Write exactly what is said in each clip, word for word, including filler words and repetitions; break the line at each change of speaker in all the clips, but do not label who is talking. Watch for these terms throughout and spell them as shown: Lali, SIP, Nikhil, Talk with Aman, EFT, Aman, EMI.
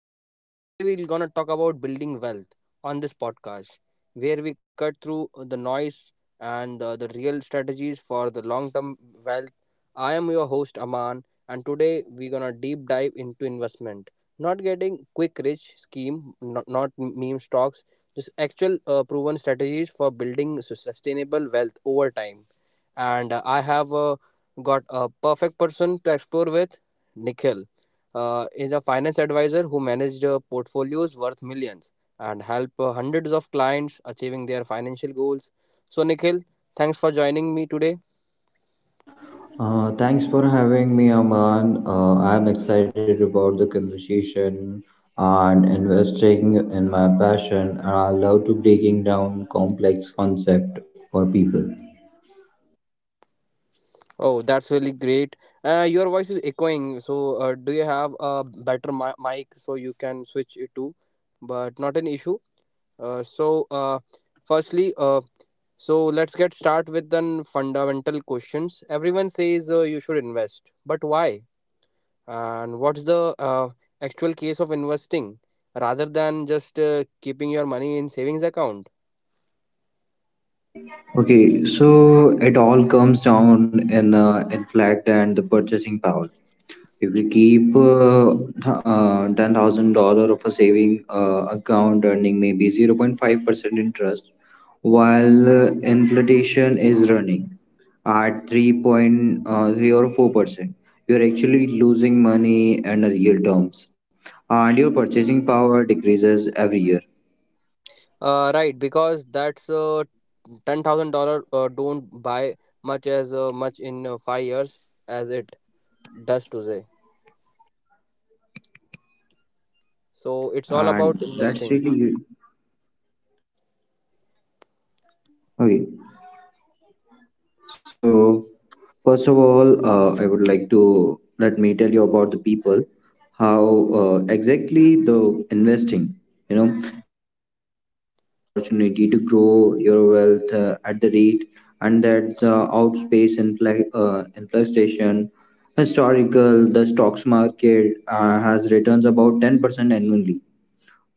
Talk with Aman. Today we're gonna talk about building wealth on this podcast where we cut through the noise and uh, the real strategies for the long-term wealth. I am your host Aman and today we're gonna deep dive into investment. Not getting quick rich scheme, not, not meme stocks, just actual uh, proven strategies for building su- sustainable wealth over time. And uh, I have uh, got a perfect person to explore with. Nikhil uh, is a finance advisor who managed uh, portfolios worth millions and helped uh, hundreds of clients achieving their financial goals. So Nikhil, thanks for joining me today.
Uh, thanks for having me, Aman. Uh, I'm excited about the conversation and investing in my passion, and I love to breaking down complex concept for people.
Oh, that's really great. Uh, your voice is echoing. So uh, do you have a better mi- mic so you can switch it to? But not an issue. Uh, so uh, firstly, uh, so let's get start with the fundamental questions. Everyone says uh, you should invest, but why? And what's the uh, actual case of investing rather than just uh, keeping your money in savings account.
Okay, so it all comes down in uh, in flagged and the purchasing power. If we keep uh, th- uh, ten thousand dollar of a saving uh, account earning maybe zero point five percent interest, while uh, inflation is running at three point uh, three or four percent, you're actually losing money in real terms, and your purchasing power decreases every year.
Uh, right, because that's uh, ten thousand dollars uh, don't buy much as uh, much in uh, five years as it does today, so it's all about investing.
And that's really okay. So, first of all, uh, I would like to let me tell you about the people, how the investing. You know, investing gives you the opportunity to grow your wealth uh, at the rate, and that's uh, outspace infl- uh, inflation. Historical, the stocks market uh, has returns about ten percent annually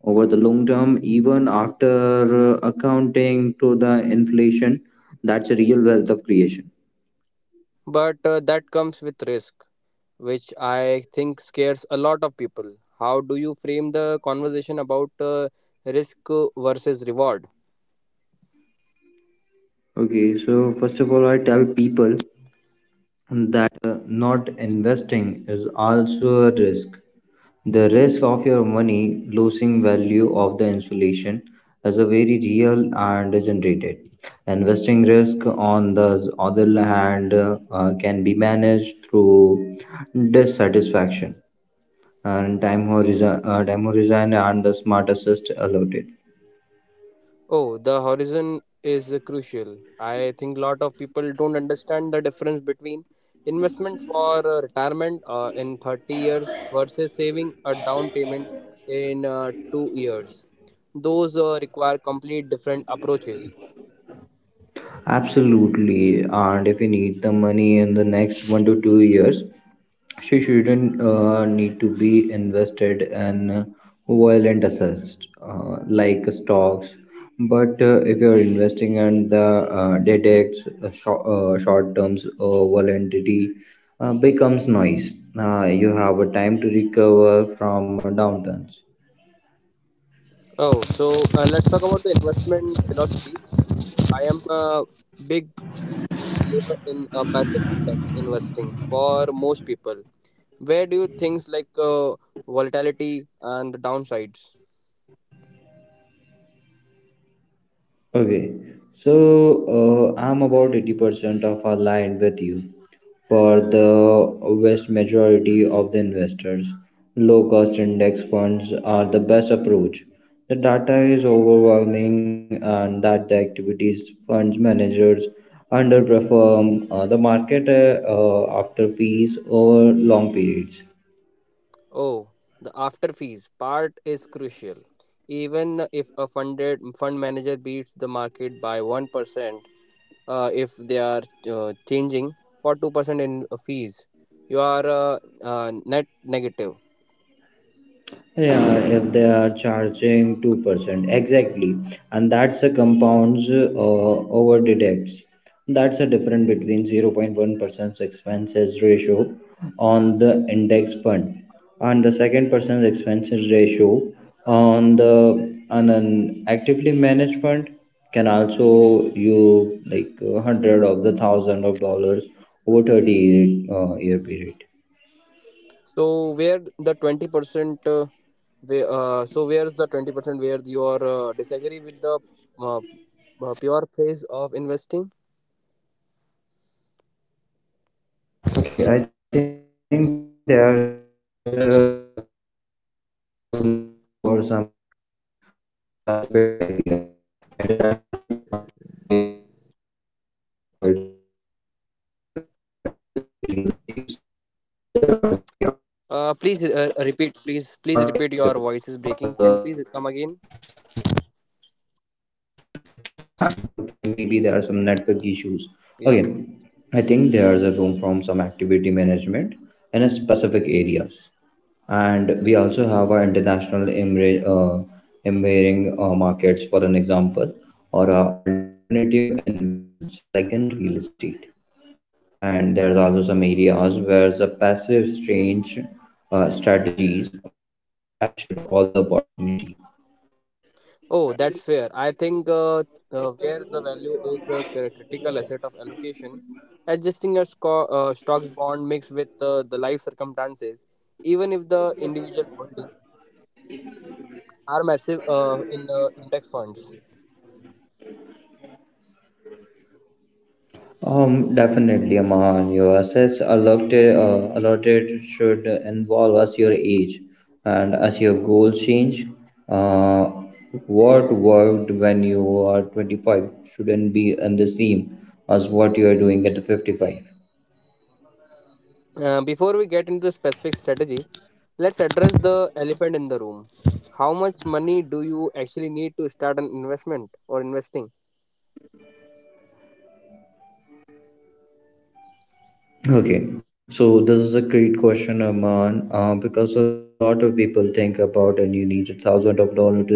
over the long term, even after uh, accounting to the inflation. That's a real wealth of creation.
But uh, that comes with risk, which I think scares a lot of people. How do you frame the conversation about uh, risk uh, versus reward?
Okay, so first of all, I tell people that uh, not investing is also a risk. The risk of your money losing value of the insulation is a very real and generated. Investing risk on the other hand uh, uh, can be managed through dissatisfaction and time horizon, uh, time horizon and the smart assist allowed.
Oh, the horizon is uh, crucial. I think a lot of people don't understand the difference between investment for uh, retirement uh, in thirty years versus saving a down payment in uh, two years. Those uh, require complete different approaches.
Absolutely, and if we need the money in the next one to two years, she shouldn't uh, need to be invested in violent assets uh, like stocks. But uh, if you're investing in the uh, detects uh, short, uh, short terms uh, volatility uh, becomes noise. Uh, you have a time to recover from downturns.
Oh, so uh, let's talk about the investment philosophy. I am a big believer in uh, passive index investing for most people. Where do you think like uh, volatility and the downsides?
Okay, so uh, I'm about eighty percent of aligned with you. For the vast majority of the investors, low cost index funds are the best approach. The data is overwhelming, and that the activities funds managers underperform uh, the market uh, uh, after fees over long periods.
Oh, the after fees part is crucial. Even if a funded fund manager beats the market by one percent, uh, if they are uh, changing for two percent in uh, fees, you are uh, uh, net negative.
Yeah, if they are charging two percent. Exactly. And that's a compounds uh, over deducts. That's a difference between zero point one percent expenses ratio on the index fund and the second percent expenses ratio on the on an actively managed fund can also you like uh, hundred of the thousand of dollars over thirty year, uh, year period.
So where the twenty percent uh, where, uh, so where's the twenty percent where you are uh, disagree with the uh, uh, pure phase of investing?
Okay, I think there's a, a room for some activity management in a specific areas. International uh, emerging markets, for an example, or alternative investments like real estates. There are areas where the passive strains might not
Uh, please uh,
capture
repeat.
all
please
the
please repeat,
opportunity.
your voice is breaking. Can you please come again?
Okay, maybe there are some network issues. Okay, I think
Yeah.
there is a room from some activity management in a specific areas. And we also have our international emira- uh, embedding uh, markets for an example or uh, alternative investments like in real estate. And there's also some areas where the passive strange uh, strategies might not capture all the opportunity.
Oh, that's fair. I think uh, uh, where the value is the cr- critical asset of allocation, adjusting your sco- uh, stocks bond mixed with uh, the life circumstances, even if the individual holding are massive uh, in uh, index funds.
Um, definitely, Aman. Your assets allotted, uh, allotted should involve as your age and as your goals change. Uh, what worked when you are twenty five shouldn't be in the same as what you are doing at fifty five.
Uh, before we get into the specific strategy, let's address the elephant in the room. How much money do you actually need to start an investment or investing?
Okay, so this is a great question, Aman, uh, because a lot of people think about and you need a thousand of dollars to start.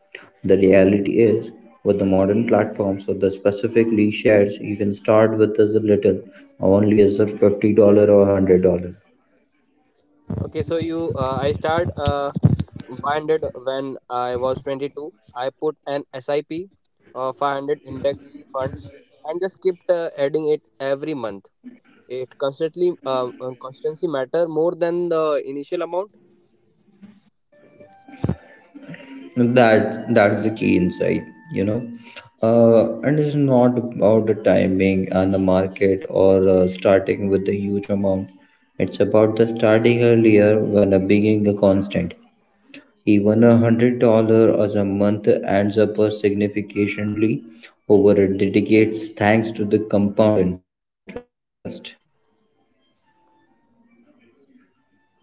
The reality is, with the modern platforms or the specifically shares, you can start with as little, only as a fifty dollar or hundred dollar.
Okay, so you, uh, I start. Uh, five hundred when I was twenty-two. I put an SIP, uh, five hundred index fund, and just kept uh, adding it every month. It constantly, uh, uh, constancy matter more than the initial amount.
That that's the key insight, you know. Uh, and it's not about the timing and the market or uh, starting with a huge amount. It's about the starting earlier when a being a constant. Even a hundred dollar as a month adds up uh, significantly over a decades thanks to the compound interest.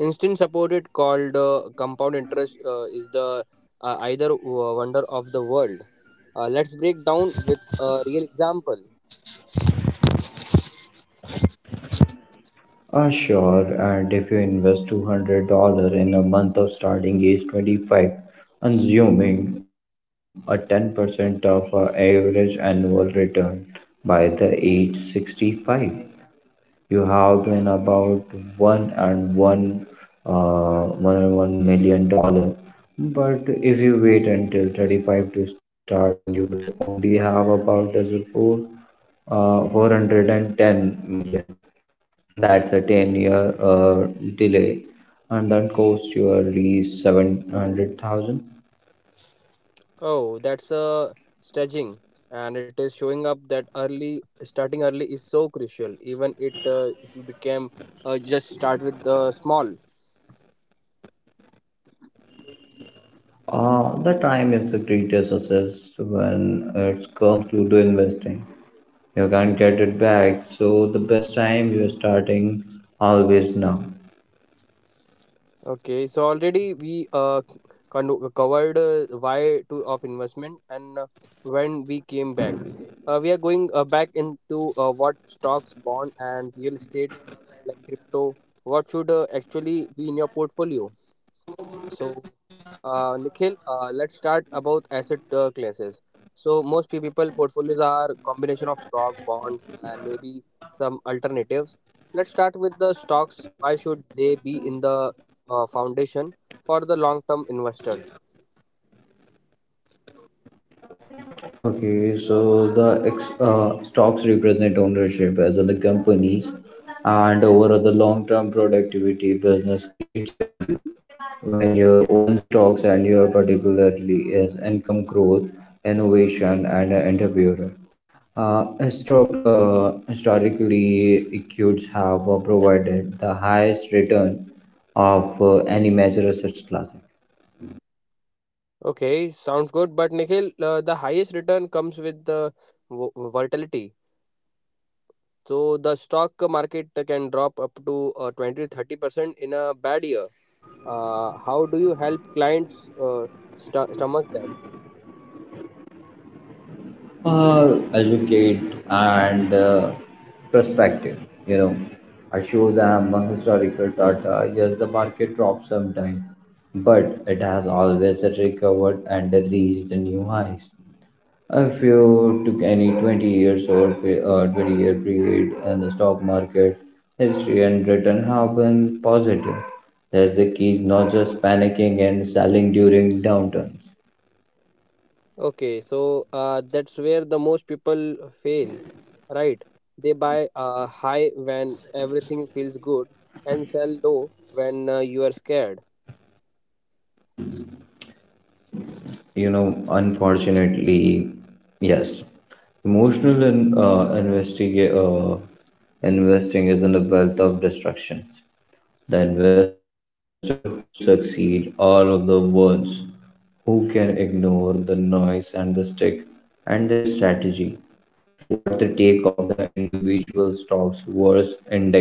Instant supported called uh, compound interest uh, is the uh, either uh, wonder of the world. Uh, let's break down with a real example.
Ah, sure, and if you invest two hundred dollar in a month of starting age twenty five, assuming a ten percent of our average annual return by the age sixty five. You have been about one and one, uh, one and one million dollars. But if you wait until thirty five to start and you would only have about as a four, uh, four hundred ten million. That's a ten year uh, delay and that costs you at least seven hundred thousand.
Oh, that's a stretching, and it is showing up that early starting early is so crucial. Even it uh, if you became uh, just start with the small.
Uh, the time is the greatest success when it comes to the investing. You can't get it back, so the best time you're starting always now.
Okay, so already we uh, con- covered uh, why to of investment and uh, when we came back. Uh, we are going uh, back into uh, what stocks, bond, and real estate like crypto. What should uh, actually be in your portfolio? So, uh, Nikhil, uh, let's start about asset uh, classes. So, most pe- people portfolios are combination of stock, bonds, and maybe some alternatives. Let's start with the stocks. Why should they be in the uh, foundation for the long-term investors?
Okay, so the ex- uh, stocks represent ownership as other companies, and over the long term productivity, business creates value. When your own stocks and your particularly is income growth, innovation, and entrepreneur. Uh, stock uh, Historically, equities have uh, provided the highest return of uh, any major asset class.
Okay, sounds good. But Nikhil, uh, the highest return comes with the vo- volatility. So the stock market can drop up to uh, twenty thirty percent in a bad year. Uh, how do you help clients uh, st- stomach that?
Uh, educate and uh, perspective, you know, I show them a historical data. Yes, the market drops sometimes, but it has always recovered and reached new highs. If you took any twenty years or pe- uh, twenty year period in the stock market history and return have been positive. That's the key is not just panicking and selling during downturns,
Okay, so uh, that's where the most people fail, right? They buy uh, high when everything feels good and sell low when uh, you are scared.
you know. Unfortunately, yes, emotional and uh, investigate uh, investing is in the wealth of destructions. The investor who succeed all of the ones who can ignore the noise and the stick and their strategy. What the take of the individual stocks versus index funds?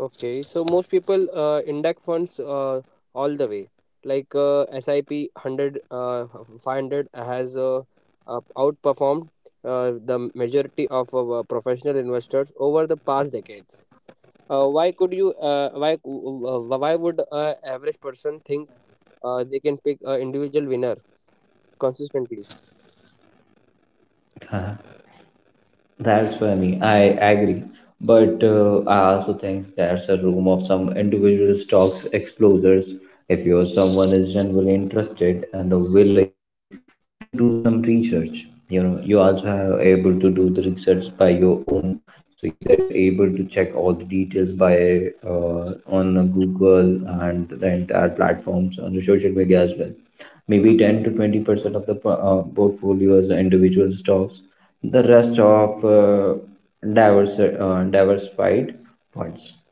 Okay, so most people uh, index funds uh, all the way. Like uh, SIP one hundred, uh, five hundred has uh, uh, outperformed uh, the majority of uh, professional investors over the past decades. Uh, why could you uh, why uh, why would a average person think uh, they can pick an individual winner consistently.
That's funny. I agree. But uh, I also think there's a room of some individual stocks explorers. If you're someone is generally interested and willing and to do some research, you know, you also are able to do the research by your own. So you get able to check all the details by uh, on Google and the entire platforms on the social media as well. Maybe ten to twenty percent of the po- uh, portfolio is individual stocks, the rest of uh, diverse uh, diversified funds.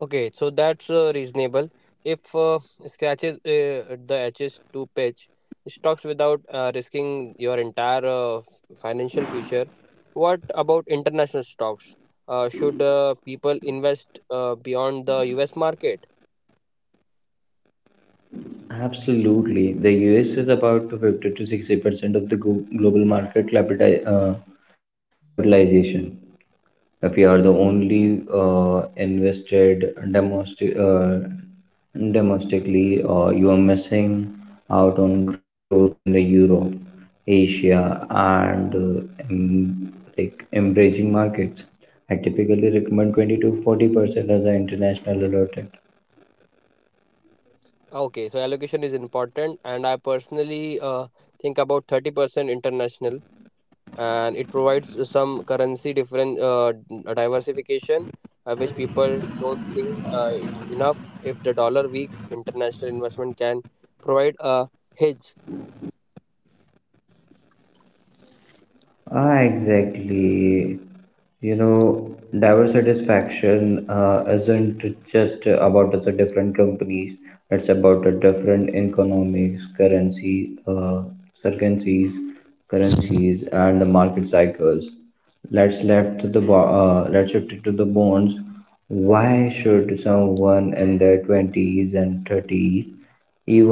Okay, so that's uh, reasonable if uh, scratches uh, the edges to pitch stocks without uh, risking your entire uh, f- financial future. What about international stocks? Uh, should uh, people invest uh, beyond the US market?
Absolutely, the us is about to fifty to sixty percent of the glo- global market capital, uh, capitalization. If we are the only uh, invested domestic, uh, domestically, uh, you are missing out on growth in the Europe, Asia, and uh, em- like emerging markets. I typically recommend twenty to forty percent as an international alert.
Okay, so allocation is important and I personally uh, think about thirty percent international, and it provides some currency different uh, diversification, uh, which people don't think uh, it's enough. If the dollar weaks, international investment can provide a hedge.
Ah, exactly. You know, diverse satisfaction uh, isn't just about the different companies. It's about the different economics, currency, uh, circumstances, currencies, and the market cycles. Let's left to the bo- uh, let's shift it to the bonds. Why should someone in their twenties and thirties,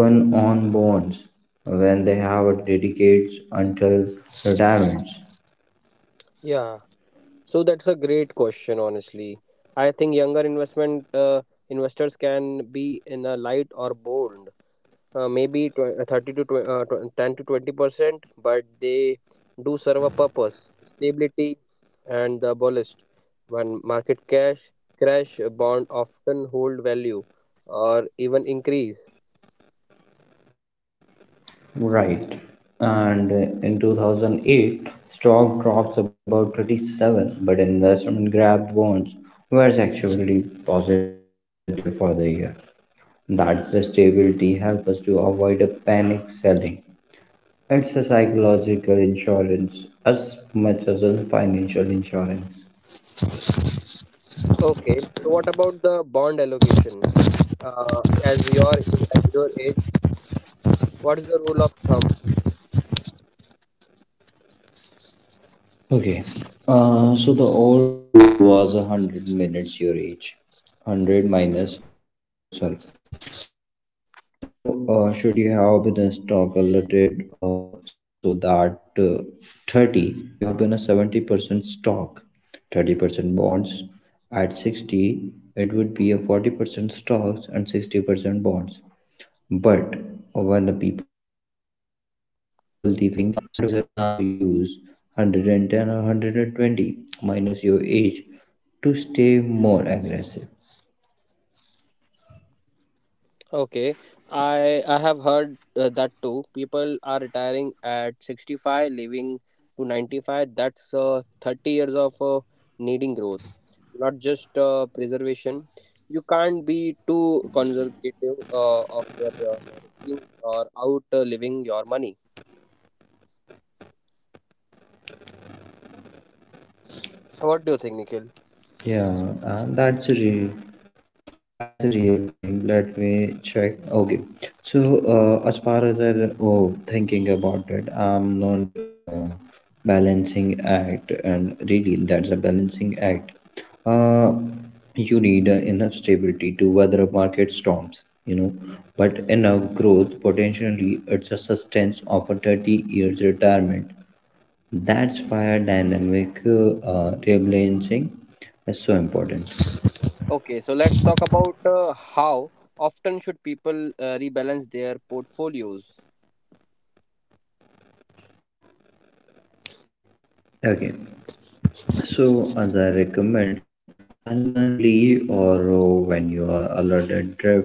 even on bonds, when they have dedicates until retirement?
Yeah, so that's a great question, honestly. I think younger investment uh, investors can be in a light or bold, uh, maybe tw- uh, thirty to tw- uh, tw- ten to twenty percent, but they do serve a purpose, stability and the bullish. When market cash crash, a bond often hold value or even increase.
Right. And uh, in two thousand eight, stock drops about thirty seven, but investment grab bonds was actually positive for the year. That's the stability helps us to avoid a panic selling. It's a psychological insurance as much as a financial insurance.
Okay, so what about the bond allocation uh, as your as your age? What's the rule of thumb?
Okay. Uh, so the old rule was a hundred minutes your age, hundred minus your age. Sorry. Okay. So uh, should you have been calculated uh, so that uh, thirty you have been a seventy percent stock, thirty percent bonds. At sixty, it would be a forty percent stocks and sixty percent bonds. But when the people living longer, some advisor now use one hundred ten or one hundred twenty minus your age to stay more aggressive.
Okay, I I have heard uh, that too. People are retiring at sixty-five, living to ninety-five. That's uh, thirty years of uh, needing growth, not just uh, preservation. You can't be too conservative uh, of your uh, risking or out uh, living your money. What do you think, Nikhil?
Yeah, uh, that's a real that's a real thing. Let me check. Okay, so uh, as far as I am oh thinking about it, I'm not uh, balancing act, and really that's a balancing act. Uh, you need uh, enough stability to weather a market storms, you know, but enough growth potentially it's a sustenance of a thirty years retirement. That's why dynamic uh, rebalancing is so important.
Okay, so let's talk about uh, how often should people uh, rebalance their portfolios.
Okay, so as I recommend annually or uh, when you are allotted drifts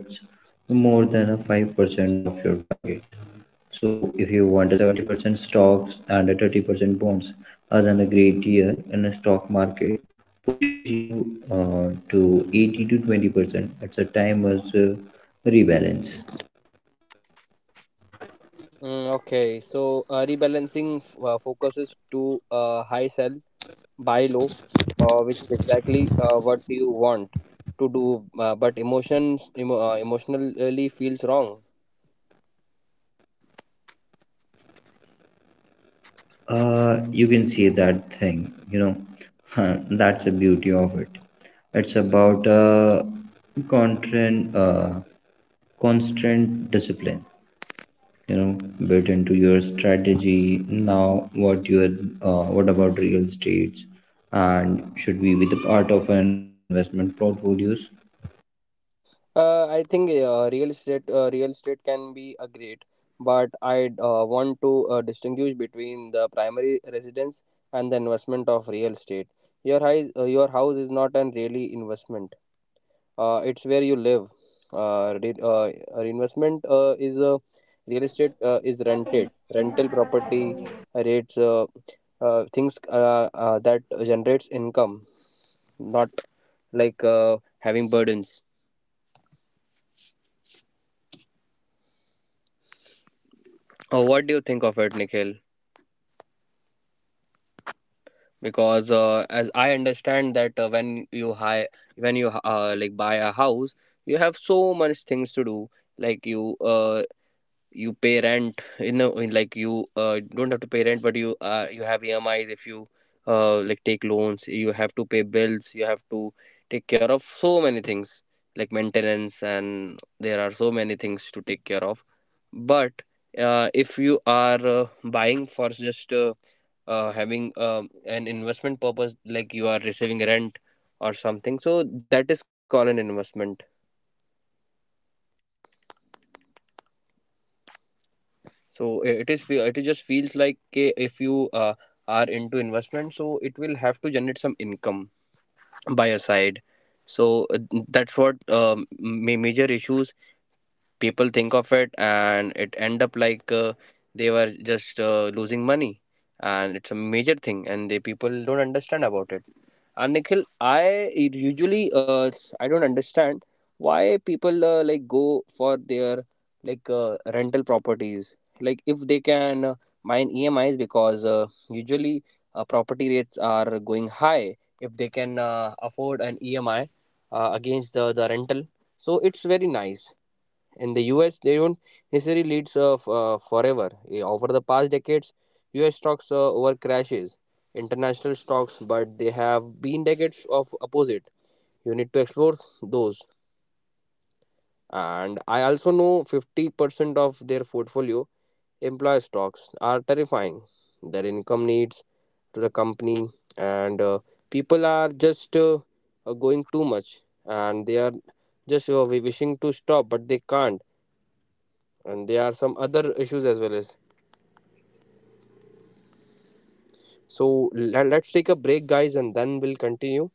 more than a five percent of your targets. So if you want a seventy percent stocks and a thirty percent bonds as an agreed year in a stock market pushes you uh, to eighty to twenty percent. It's a time as uh, rebalance.
Mm, okay, so uh, rebalancing f- uh, focuses to uh, high sell, buy low, uh, which is exactly uh, what you want to do, uh, but emotions emo uh, emotionally feels wrong.
Uh, you can see that thing, you know. Huh, that's the beauty of it. It's about uh, constant, uh, constant discipline, you know, built into your strategy. Now, what your, uh, what about real estates, and should we be the part of an or investment portfolios?
Uh, I think uh, real estate uh, real estate can be a great, but I uh, want to uh, distinguish between the primary residence and the investment of real estate. Your house, uh, your house is not an really investment. Uh, it's where you live. uh, re- uh, Reinvestment uh, is uh, real estate uh, is rented rental property rates, uh, uh, things uh, uh, that generates income, not like uh, having burdens.
I completely
Uh,
agree
what do you
with
think of
that,
it,
and I'm
Nikhil?
tired of the people saying my house is.
Because uh, as I understand that uh, when you hire when you uh, like buy a house, you have so much things to do. Like you uh, you pay rent in, a, in, like you uh, don't have to pay rent, but you uh, you have emis if you uh, like take loans, you have to pay bills, you have to take care of so many things like maintenance, and there are so many things to take care of. But uh, if you are uh, buying for just uh, uh, having um, an investment purpose, like you are receiving rent or something, so that is called an investment. So i- it is fe- it is just feels like, okay, if you uh, are into investment, so it will have to generate some income by your side. So uh, that's what um, ma- major issues people think of it, and it end up like uh, they were just uh, losing money. And it's a major thing and the people don't understand about it. And Nikhil, I usually uh, I don't understand why people uh, like go for their like uh, rental properties. Like if they can uh, mine E M Is, because uh, usually uh, property rates are going high. If they can uh, afford an E M I uh, against the, the rental, so it's very nice. In the U S, they don't necessarily lead uh, f- uh, forever. Eh, Over the past decades, U S stocks uh, over crashes international stocks, but they have been decades of opposite. You need to explore those. And I also know fifty percent of their portfolio employer stocks are terrifying. Their income needs to the company, and uh, people are just uh, uh, going too much, and they are just uh, wishing to stop, but they can't. And there are some other issues as well as, so le- let's take a break guys, and then we'll continue.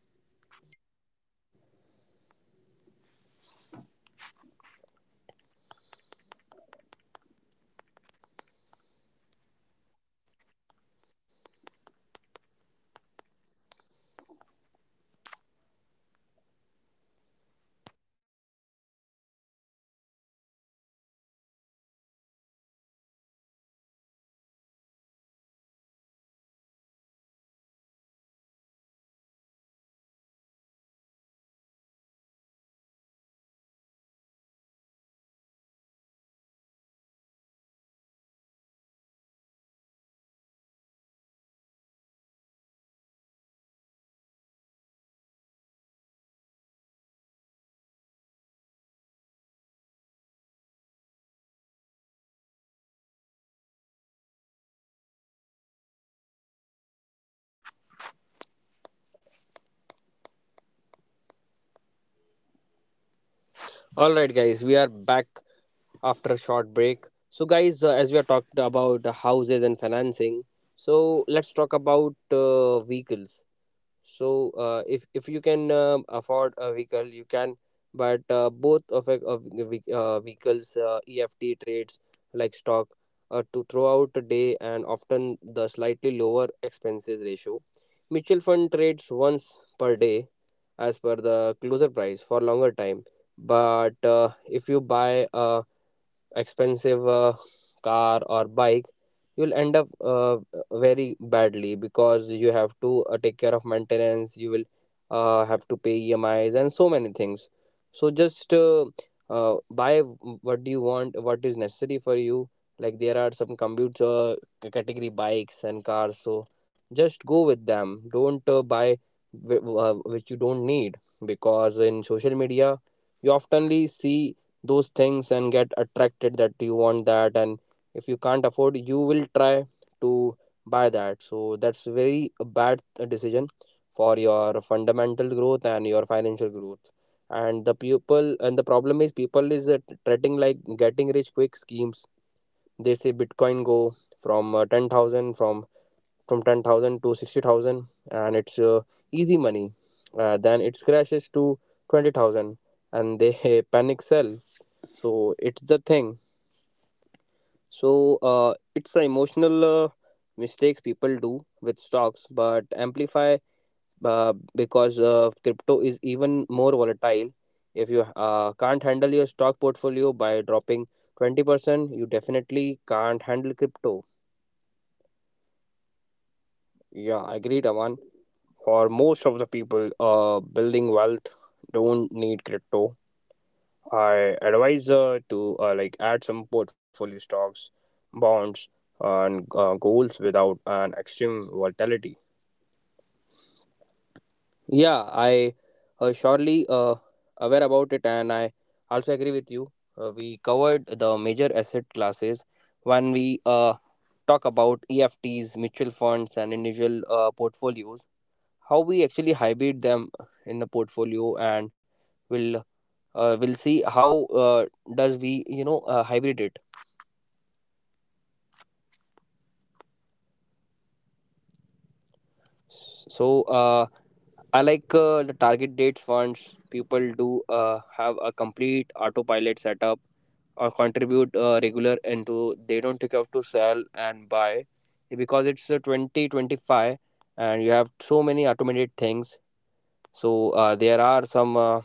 All right guys, we are back after a short break. So guys, uh, as we are talked about uh, houses and financing, so let's talk about uh, vehicles. So uh, if if you can um afford a vehicle, you can. But uh, both of uh, of the ve- uh, vehicles uh, E F T trades like stock uh, to throughout the day and often the slightly lower expenses ratio. Mutual fund trades once per day as per the closer price for longer time. But uh, if you buy a expensive uh, car or bike, you'll end up uh, very badly because you have to uh, take care of maintenance. You will uh, have to pay emis and so many things. So just uh, uh, buy w- what do you want, what is necessary for you. Like, there are some computer c- category bikes and cars, so just go with them. Don't uh, buy wh- uh, which you don't need, because in social media you oftenly see those things and get attracted, that you want that. And if you can't afford, you will try to buy that. So that's very bad uh, decision for your fundamental growth and your financial growth. And the people and the problem is people is uh, treating like getting rich quick schemes. They say bitcoin go from uh, ten thousand from from ten thousand to sixty thousand and it's uh, easy money. Uh, then it crashes to twenty thousand and they panic sell. So it's the thing. So uh, it's the emotional uh, mistakes people do with stocks, but amplify uh, because uh, crypto is even more volatile. If you uh, can't handle your stock portfolio by dropping twenty percent, you definitely can't handle crypto. Yeah, agreed, Aman. For most of the people, uh, building wealth don't need crypto. I advise uh, to uh, like add some portfolio stocks, bonds, and uh, goals without an extreme volatility. Yeah, I uh, surely uh, aware about it, and I also agree with you. Uh, we covered the major asset classes when we uh, talk about E F Ts, mutual funds, and individual uh, portfolios. How we actually hybrid them in the portfolio, and we'll uh, we'll see how uh, does we you know uh, hybrid it. So uh, I like uh, the target date funds. People do uh, have a complete autopilot setup or contribute uh, regular into. They don't take up to sell and buy because it's a twenty twenty-five and you have so many automated things. So uh, there are some uh,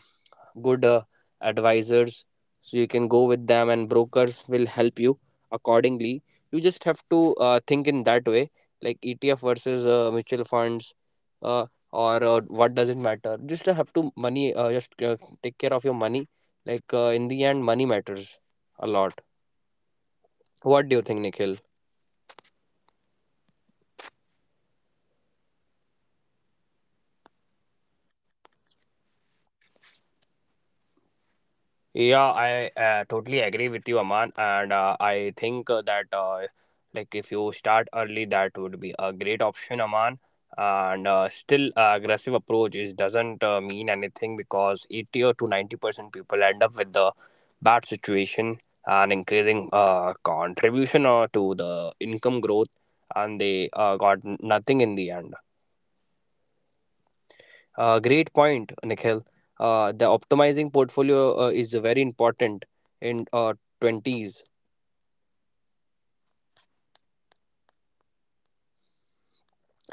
good uh, advisors, so you can go with them and brokers will help you accordingly. You just have to uh, think in that way, like etf versus uh, mutual funds, uh, or uh, what does it matter. Just have to money, uh, just uh, take care of your money. Like, uh, in the end, money matters a lot. What do you think, Nikhil? Yeah, I uh, totally agree with you, Aman. And uh, I think uh, that uh, like if you start early, that would be a great option, Aman. And uh, still, uh, aggressive approach is doesn't uh, mean anything because eighty or to ninety percent people end up with the bad situation and increasing uh, contribution or to the income growth, and they uh, got nothing in the end. Uh, great point, Nikhil. Uh, the optimizing portfolio uh, is very important in uh, twenties,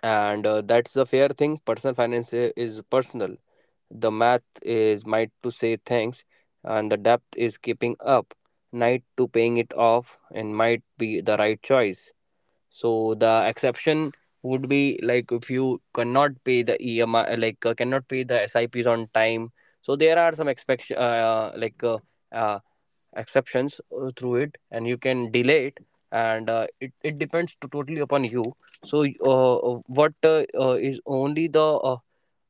and uh, that's the fair thing. Personal finance i- is personal. The math is might to say thanks, and the depth is keeping up. Night to paying it off, and might be the right choice. So the exception would be like if you cannot pay the E M I, uh, like uh, cannot pay the S I Ps on time. So there are some expect uh, like. Uh, uh, exceptions uh, through it and you can delay it, and uh, it, it depends to totally upon you. So uh, uh, what uh, uh, is only the uh,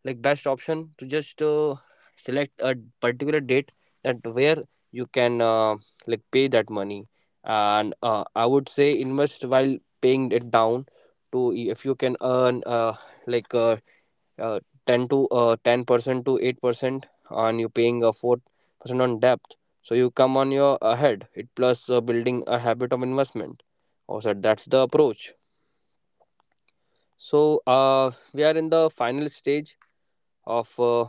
like best option to just uh, select a particular date that where you can uh, like pay that money. And uh, I would say invest while paying it down to. If you can earn uh, like uh, uh, ten to uh, ten percent to eight percent and you're paying a four percent on debt, so you come on your ahead it, plus uh, building a habit of investment also. That's the approach. So uh, we are in the final stage of uh,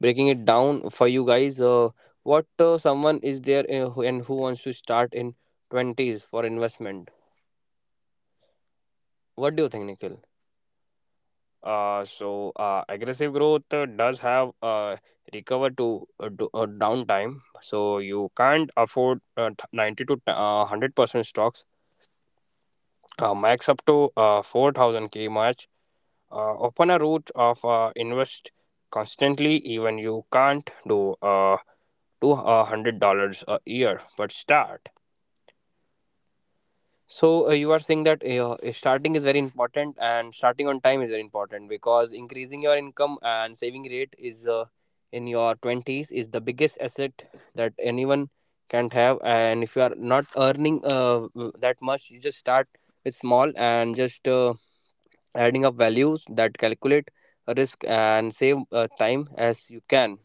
breaking it down for you guys. Uh, what uh, someone is there in, and who wants to start in twenties for investment. What do you think, Nikhil? Uh, so uh, aggressive growth uh, does have uh, recover to uh, do, uh, downtime. So you can't afford uh, th- ninety to uh, one hundred percent stocks. Uh, max up to uh, four thousand k match. Uh, open a route of uh, invest constantly. Even you can't do uh, two uh, hundred dollars a year, but start. So uh, you are saying that uh, starting is very important and starting on time is very important because increasing your income and saving rate is uh, in your twenties is the biggest asset that anyone can have. And if you are not earning uh, w- that much, you just start with small and just uh, adding up values that calculate risk and save uh, time as you can.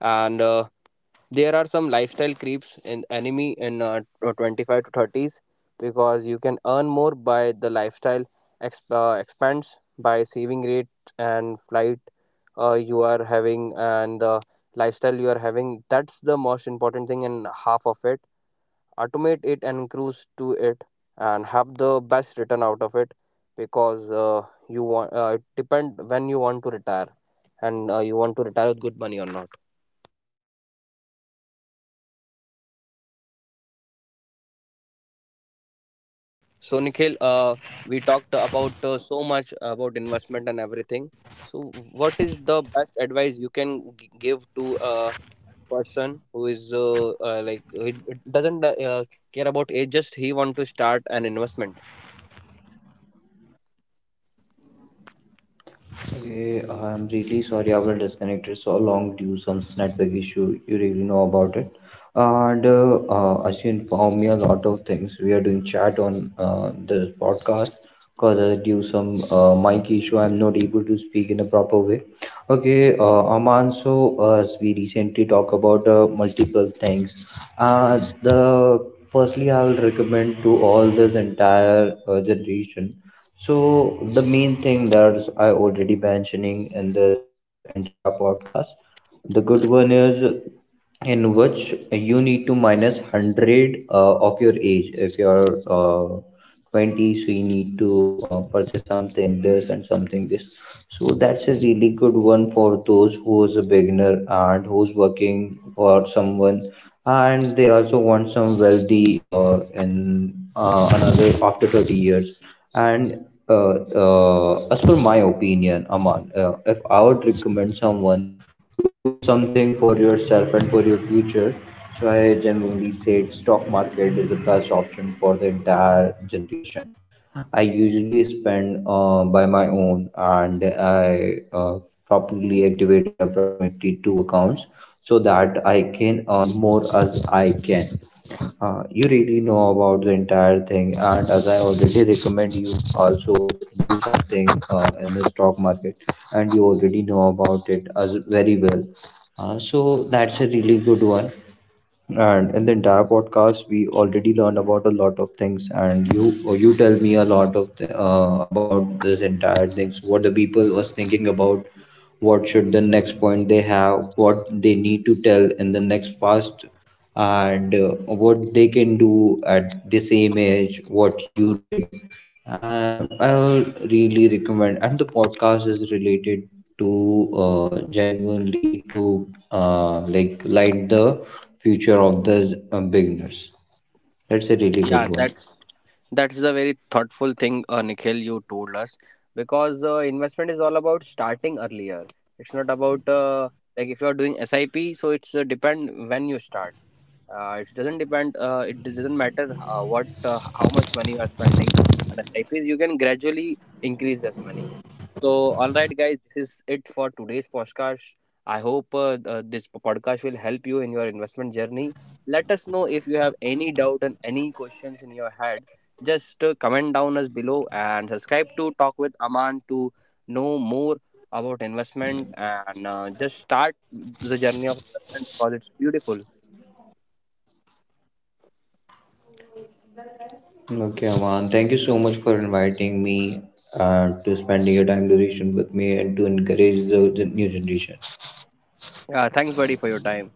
And uh, there are some lifestyle creeps in anime in uh, twenty-five to thirties because you can earn more by the lifestyle exp- uh, expands by saving rate and flight uh, you are having and the lifestyle you are having. That's the most important thing and half of it. Automate it and cruise to it and have the best return out of it, because uh, you want uh, it depend when you want to retire and uh, you want to retire with good money or not. So, Nikhil, uh, we talked about uh, so much about investment and everything. So, what is the best advice you can g- give to a person who is uh, uh, like he doesn't uh, care about age, just he want to start an investment?
Hey, I'm really sorry I was disconnected so long due some network issue. You really know about it. And uh, uh, as you informed me a lot of things, we are doing chat on uh, this podcast because uh, due some uh, mic issue, I'm not able to speak in a proper way. Okay, uh, Aman, so uh, as we recently talk about uh, multiple things, uh, the firstly, I will recommend to all this entire uh, generation. So the main thing that I already mentioning in this entire podcast, the good one is in which you need to minus one hundred uh, of your age. If you're uh, twenty, so you need to uh, purchase something this and something this. So that's a really good one for those who is a beginner and who's working for someone, and they also want some wealthy uh, in uh, another after thirty years. And uh, uh, as per my opinion, Aman, uh, if I would recommend someone to do something for yourself and for your future. So I generally said stock market is the best option for the entire generation. I usually spend uh, by my own, and I uh, probably activated approximately two accounts so that I can earn more as I can. Uh, you really know about the entire thing, and as I already recommend you also do something uh, in the stock market, and you already know about it as very well. Uh, so that's a really good one. And in the entire podcast, we already learned about a lot of things, and you you tell me a lot of th- uh, about this entire things. What the people was thinking about, what should the next point they have, what they need to tell in the next past, and uh, what they can do at the same age, what you did, uh, I'll really recommend, and the podcast is related to uh, genuinely to uh, like light the future of the uh, beginners. That's a really good
Yeah,
one.
that's that's a very thoughtful thing, uh, Nikhil. You told us because uh, investment is all about starting earlier. It's not about uh, like if you are doing S I P, so it's uh, depend when you start. Uh, it doesn't depend, uh, it doesn't matter uh, what uh, how much money you are spending on the site fees. You can gradually increase this money. So all right, guys, this is it for today's podcast. I hope uh, uh, this podcast will help you in your investment journey. Let us know if you have any doubt and any questions in your head. Just uh, comment down us below and subscribe to Talk with Aman to know more about investment. And uh, just start the journey of investment because it's beautiful.
Okay, Aman, thank you so much for inviting me uh, to spending your time duration with me and to encourage the, the new generation.
Uh, thanks, buddy, for your time.